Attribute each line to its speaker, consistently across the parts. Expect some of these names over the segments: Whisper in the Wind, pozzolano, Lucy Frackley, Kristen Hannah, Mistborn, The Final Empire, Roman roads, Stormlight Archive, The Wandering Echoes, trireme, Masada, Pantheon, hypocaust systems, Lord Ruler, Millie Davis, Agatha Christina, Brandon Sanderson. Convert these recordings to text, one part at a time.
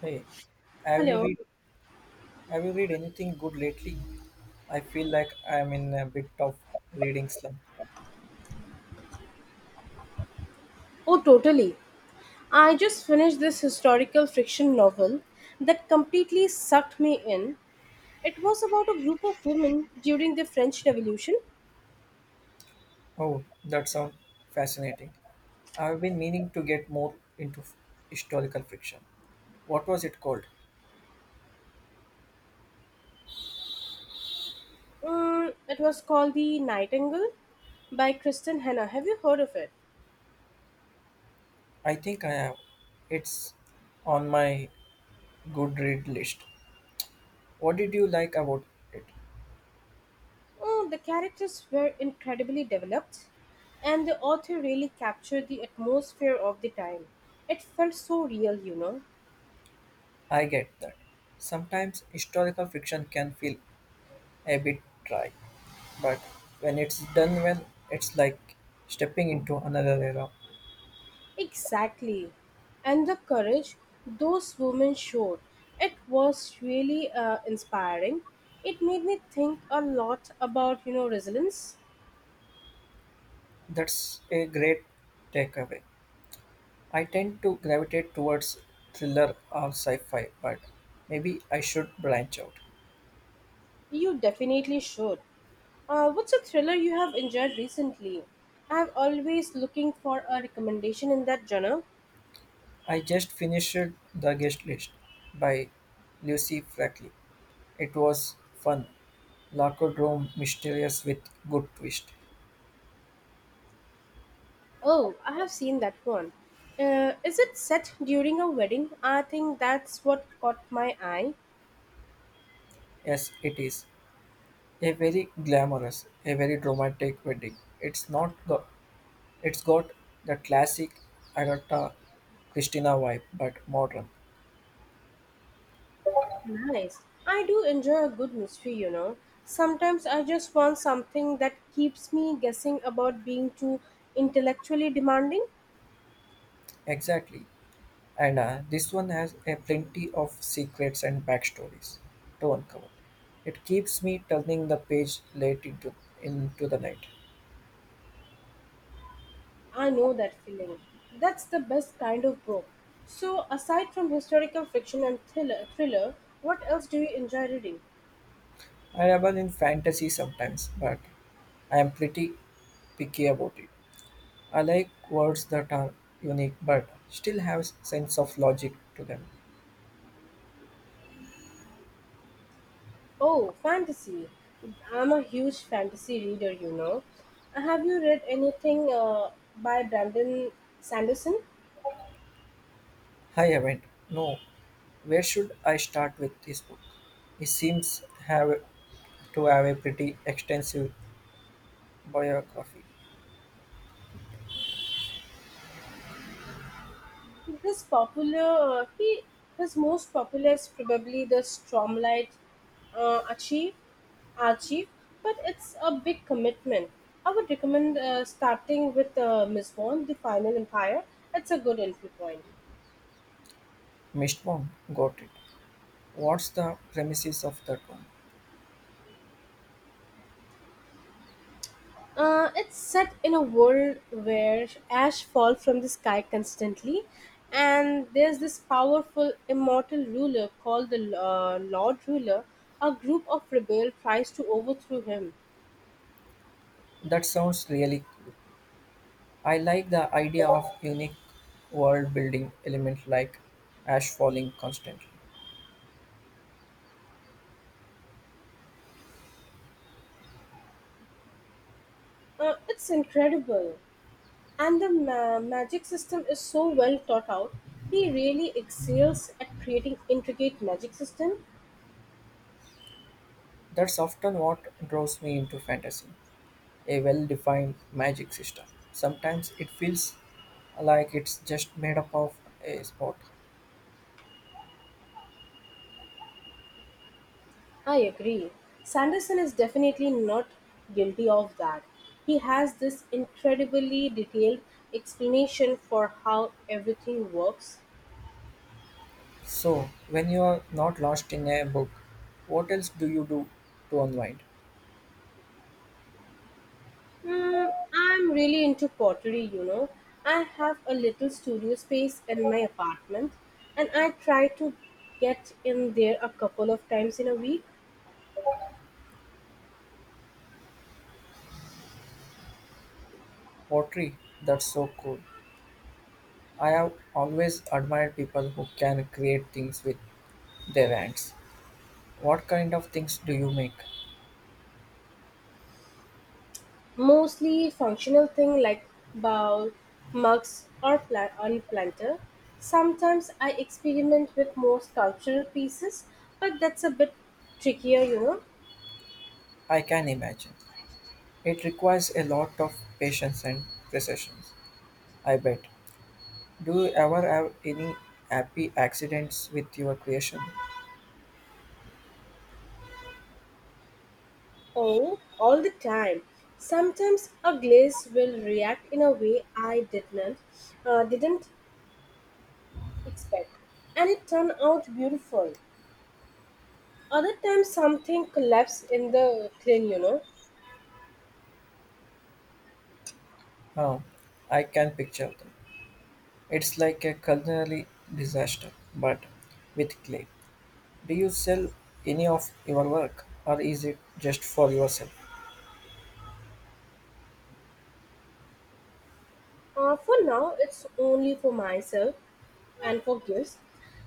Speaker 1: Hey, have you
Speaker 2: Hello.
Speaker 1: read have you read anything good lately? I feel like I'm in a bit of reading slump.
Speaker 2: Oh, totally. I just finished this historical fiction novel that completely sucked me in. It was about a group of women during the French Revolution.
Speaker 1: Oh, that sounds fascinating. I've been meaning to get more into historical fiction. What was it called?
Speaker 2: It was called The Nightingale by Kristen Hannah. Have you heard of it?
Speaker 1: I think I have. It's on my good read list. What did you like about it?
Speaker 2: Oh, the characters were incredibly developed, and the author really captured the atmosphere of the time. It felt so real.
Speaker 1: I get that. Sometimes historical fiction can feel a bit dry. But when it's done well, it's like stepping into another era.
Speaker 2: Exactly. And the courage those women showed, it was really inspiring. It made me think a lot about, resilience.
Speaker 1: That's a great takeaway. I tend to gravitate towards thriller or sci fi, but maybe I should branch out.
Speaker 2: You definitely should. What's a thriller you have enjoyed recently? I'm always looking for a recommendation in that genre.
Speaker 1: I just finished The Guest List by Lucy Frackley. It was fun, locker room mysterious with good twist.
Speaker 2: Oh, I have seen that one. Is it set during a wedding? I think that's what caught my eye.
Speaker 1: Yes, it is. A very glamorous, a very dramatic wedding. It's not go- It's got the classic Agatha Christina vibe, but modern.
Speaker 2: Nice. I do enjoy a good mystery. Sometimes I just want something that keeps me guessing about being too intellectually demanding.
Speaker 1: Exactly. And this one has a plenty of secrets and backstories to uncover. It keeps me turning the page into the night.
Speaker 2: I know that feeling. That's the best kind of book. So, aside from historical fiction and thriller, what else do you enjoy reading?
Speaker 1: I dabble in fantasy sometimes, but I am pretty picky about it. I like words that are unique but still have sense of logic to them.
Speaker 2: Oh, fantasy. I'm a huge fantasy reader. Have you read anything by Brandon Sanderson?
Speaker 1: I haven't. No, where should I start with this book? It seems have to have a pretty extensive biography.
Speaker 2: His popular he his most popular is probably the Stromlight Achieve Archive, but it's a big commitment. I would recommend starting with Mistborn, The Final Empire. It's a good entry point.
Speaker 1: Missed one, got it. What's the premises of that one?
Speaker 2: It's set in a world where ash falls from the sky constantly, and there's this powerful immortal ruler called the Lord Ruler. A group of rebels tries to overthrow him.
Speaker 1: That sounds really cool. I like the idea of unique world building element like ash falling constantly.
Speaker 2: It's incredible. And the magic system is so well thought out. He really excels at creating intricate magic system.
Speaker 1: That's often what draws me into fantasy, a well defined magic system. Sometimes it feels like it's just made up of a spot.
Speaker 2: I agree. Sanderson is definitely not guilty of that. He has this incredibly detailed explanation for how everything works.
Speaker 1: So, when you are not lost in a book, what else do you do to unwind?
Speaker 2: I'm really into pottery. I have a little studio space in my apartment and I try to get in there a couple of times in a week.
Speaker 1: Pottery, that's so cool. I have always admired people who can create things with their hands. What kind of things do you make?
Speaker 2: Mostly functional thing like bowl, mugs, or on planter. Sometimes I experiment with more sculptural pieces, but that's a bit trickier.
Speaker 1: I can imagine. It requires a lot of patience and precision, I bet. Do you ever have any happy accidents with your creation?
Speaker 2: Oh, all the time. Sometimes a glaze will react in a way I didn't expect, and it turned out beautiful. Other times something collapsed in the clean.
Speaker 1: Oh, I can picture them. It's like a culinary disaster, but with clay. Do you sell any of your work or is it just for yourself?
Speaker 2: For now, it's only for myself and for gifts.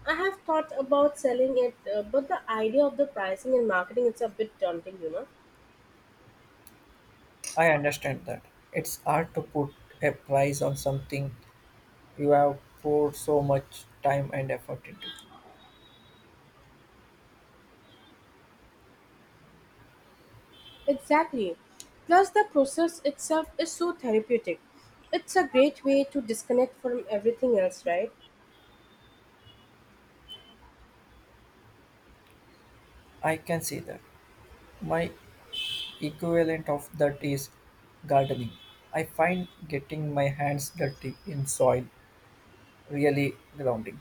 Speaker 2: I have thought about selling it, but the idea of the pricing and marketing it's a bit daunting.
Speaker 1: I understand that. It's hard to put a price on something you have poured so much time and effort into.
Speaker 2: Exactly. Plus, the process itself is so therapeutic. It's a great way to disconnect from everything else, right?
Speaker 1: I can see that. My equivalent of that is gardening. I find getting my hands dirty in soil really grounding.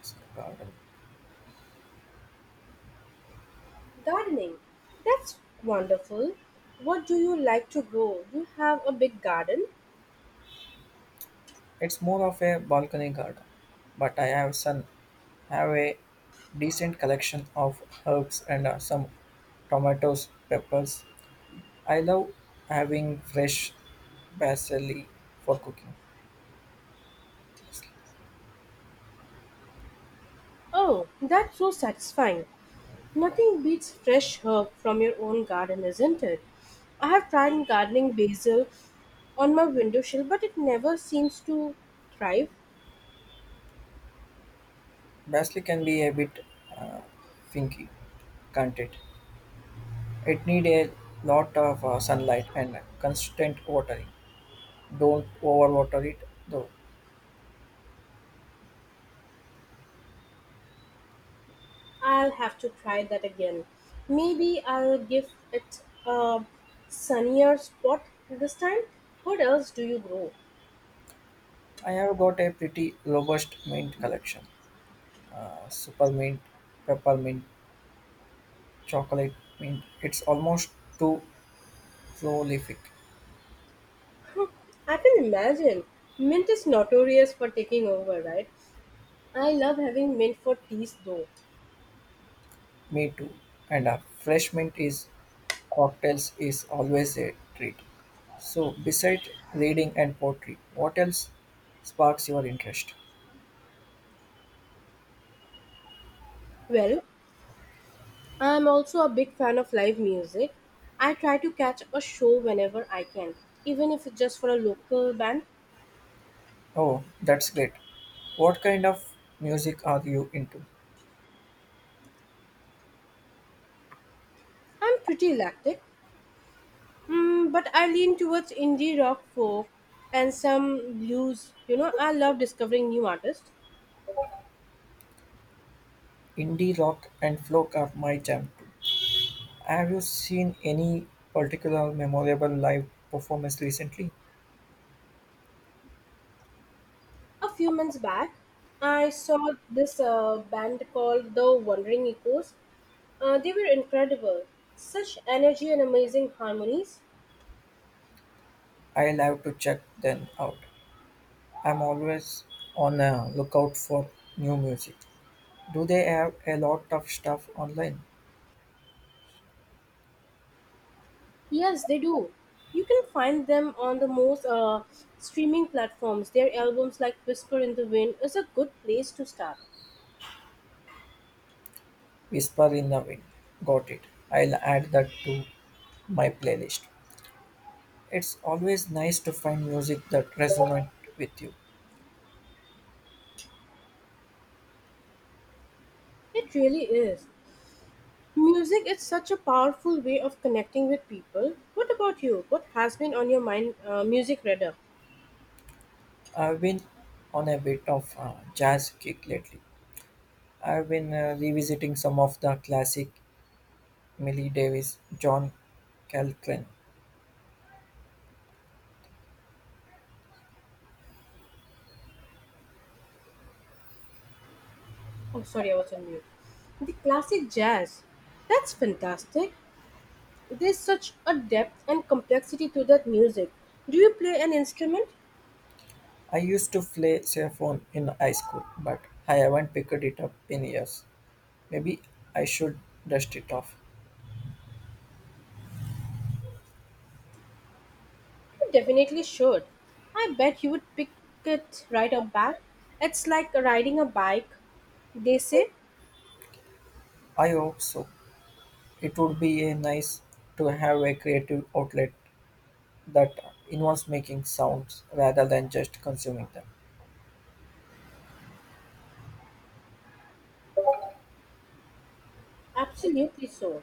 Speaker 1: It's a garden.
Speaker 2: Gardening, that's wonderful. What do you like to grow? Do you have a big garden?
Speaker 1: It's more of a balcony garden, but I have a decent collection of herbs and some tomatoes, peppers. I love having fresh basil for cooking.
Speaker 2: Oh, that's so satisfying. Nothing beats fresh herb from your own garden, isn't it? I have tried gardening basil on my windowsill, but it never seems to thrive.
Speaker 1: Basil can be a bit uh, finky, can't it? It need a lot of sunlight and constant watering. Don't overwater it though.
Speaker 2: I'll have to try that again. Maybe I'll give it a sunnier spot this time. What else do you grow?
Speaker 1: I have got a pretty robust mint collection. Super mint, peppermint, chocolate mint. It's almost too prolific.
Speaker 2: I can imagine. Mint is notorious for taking over, right? I love having mint for teas though.
Speaker 1: Me too. And a fresh mint is cocktails is always a treat. So besides reading and poetry, what else sparks your interest?
Speaker 2: Well, I am also a big fan of live music. I try to catch a show whenever I can, even if it's just for a local band.
Speaker 1: Oh, that's great. What kind of music are you into?
Speaker 2: I'm pretty eclectic, but I lean towards indie rock, folk, and some blues. You know, I love discovering new artists.
Speaker 1: Indie rock and folk are my jam too. Have you seen any particular memorable live performance recently?
Speaker 2: A few months back, I saw this band called The Wandering Echoes. They were incredible. Such energy and amazing harmonies.
Speaker 1: I'll have to check them out. I'm always on a lookout for new music. Do they have a lot of stuff online?
Speaker 2: Yes, they do. You can find them on the most streaming platforms. Their albums like Whisper in the Wind is a good place to start.
Speaker 1: Whisper in the Wind. Got it. I'll add that to my playlist. It's always nice to find music that resonates with you.
Speaker 2: It really is. Music is such a powerful way of connecting with people. What about you? What has been on your mind music radar?
Speaker 1: I've been on a bit of a jazz kick lately. I've been revisiting some of the classic Millie Davis, John Coltrane.
Speaker 2: Oh, sorry, I was on mute. The classic jazz. That's fantastic. There's such a depth and complexity to that music. Do you play an instrument?
Speaker 1: I used to play saxophone in high school, but I haven't picked it up in years. Maybe I should dust it off.
Speaker 2: You definitely should. I bet you would pick it right up back. It's like riding a bike, they say.
Speaker 1: I hope so. It would be a nice to have a creative outlet that involves making sounds rather than just consuming them.
Speaker 2: Absolutely so.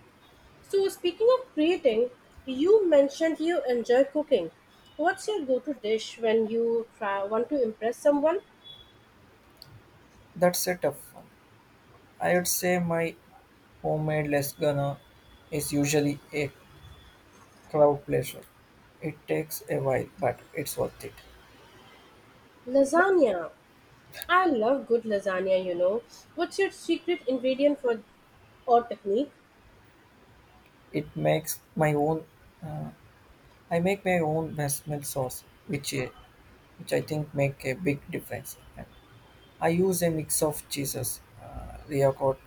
Speaker 2: So, speaking of creating, you mentioned you enjoy cooking. What's your go to dish when you want to impress someone?
Speaker 1: That's a tough one. I would say my homemade lasagna is usually a crowd pleasure. It takes a while, but it's worth it.
Speaker 2: Lasagna. I love good lasagna. What's your secret ingredient for or technique?
Speaker 1: It makes my own. Uh, I make my own bechamel sauce, which I think make a big difference. And I use a mix of cheeses, ricotta,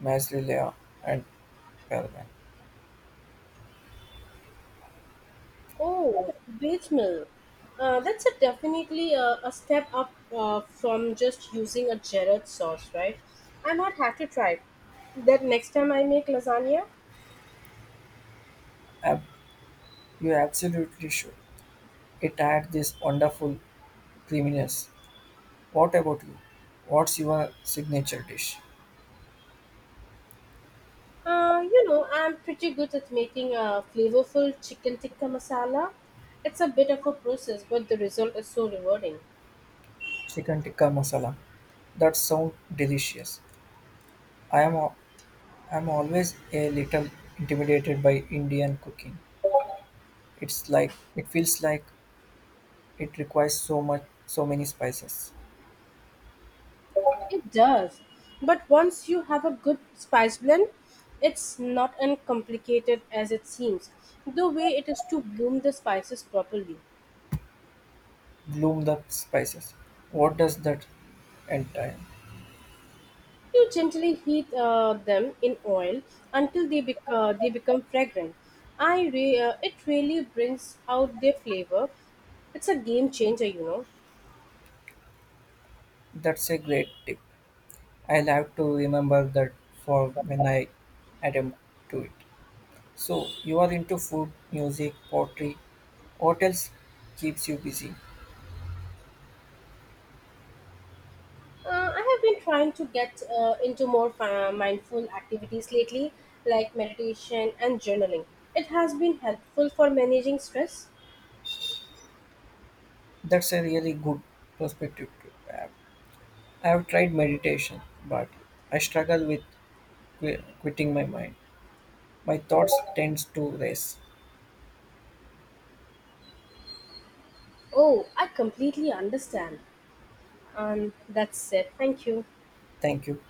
Speaker 1: mozzarella, and parmesan.
Speaker 2: Oh, beef mill. That's a definitely a step up from just using a Jared sauce, right? I might have to try that next time I make lasagna.
Speaker 1: Uh, You absolutely should. It had this wonderful creaminess. What about you? What's your signature dish?
Speaker 2: I'm pretty good at making a flavorful chicken tikka masala. It's a bit of a process, but the result is so rewarding.
Speaker 1: Chicken tikka masala. That sounds delicious. I am al- I'm always a little intimidated by Indian cooking. It's like it feels like it requires so many spices.
Speaker 2: It does. But once you have a good spice blend, it's not uncomplicated as it seems. The way it is to bloom the spices properly.
Speaker 1: Bloom the spices. What does that entail?
Speaker 2: You gently heat them in oil until they become fragrant. It really brings out their flavor. It's a game changer.
Speaker 1: That's a great tip. I'll have to remember that for when I attempt to it. So you are into food, music, pottery. What else keeps you busy?
Speaker 2: I have been trying to get into more mindful activities lately, like meditation and journaling. It has been helpful for managing stress.
Speaker 1: That's a really good perspective to have. I have tried meditation, but I struggle with quitting my mind. My thoughts tends to race.
Speaker 2: Oh, I completely understand. That's it. Thank you.
Speaker 1: Thank you.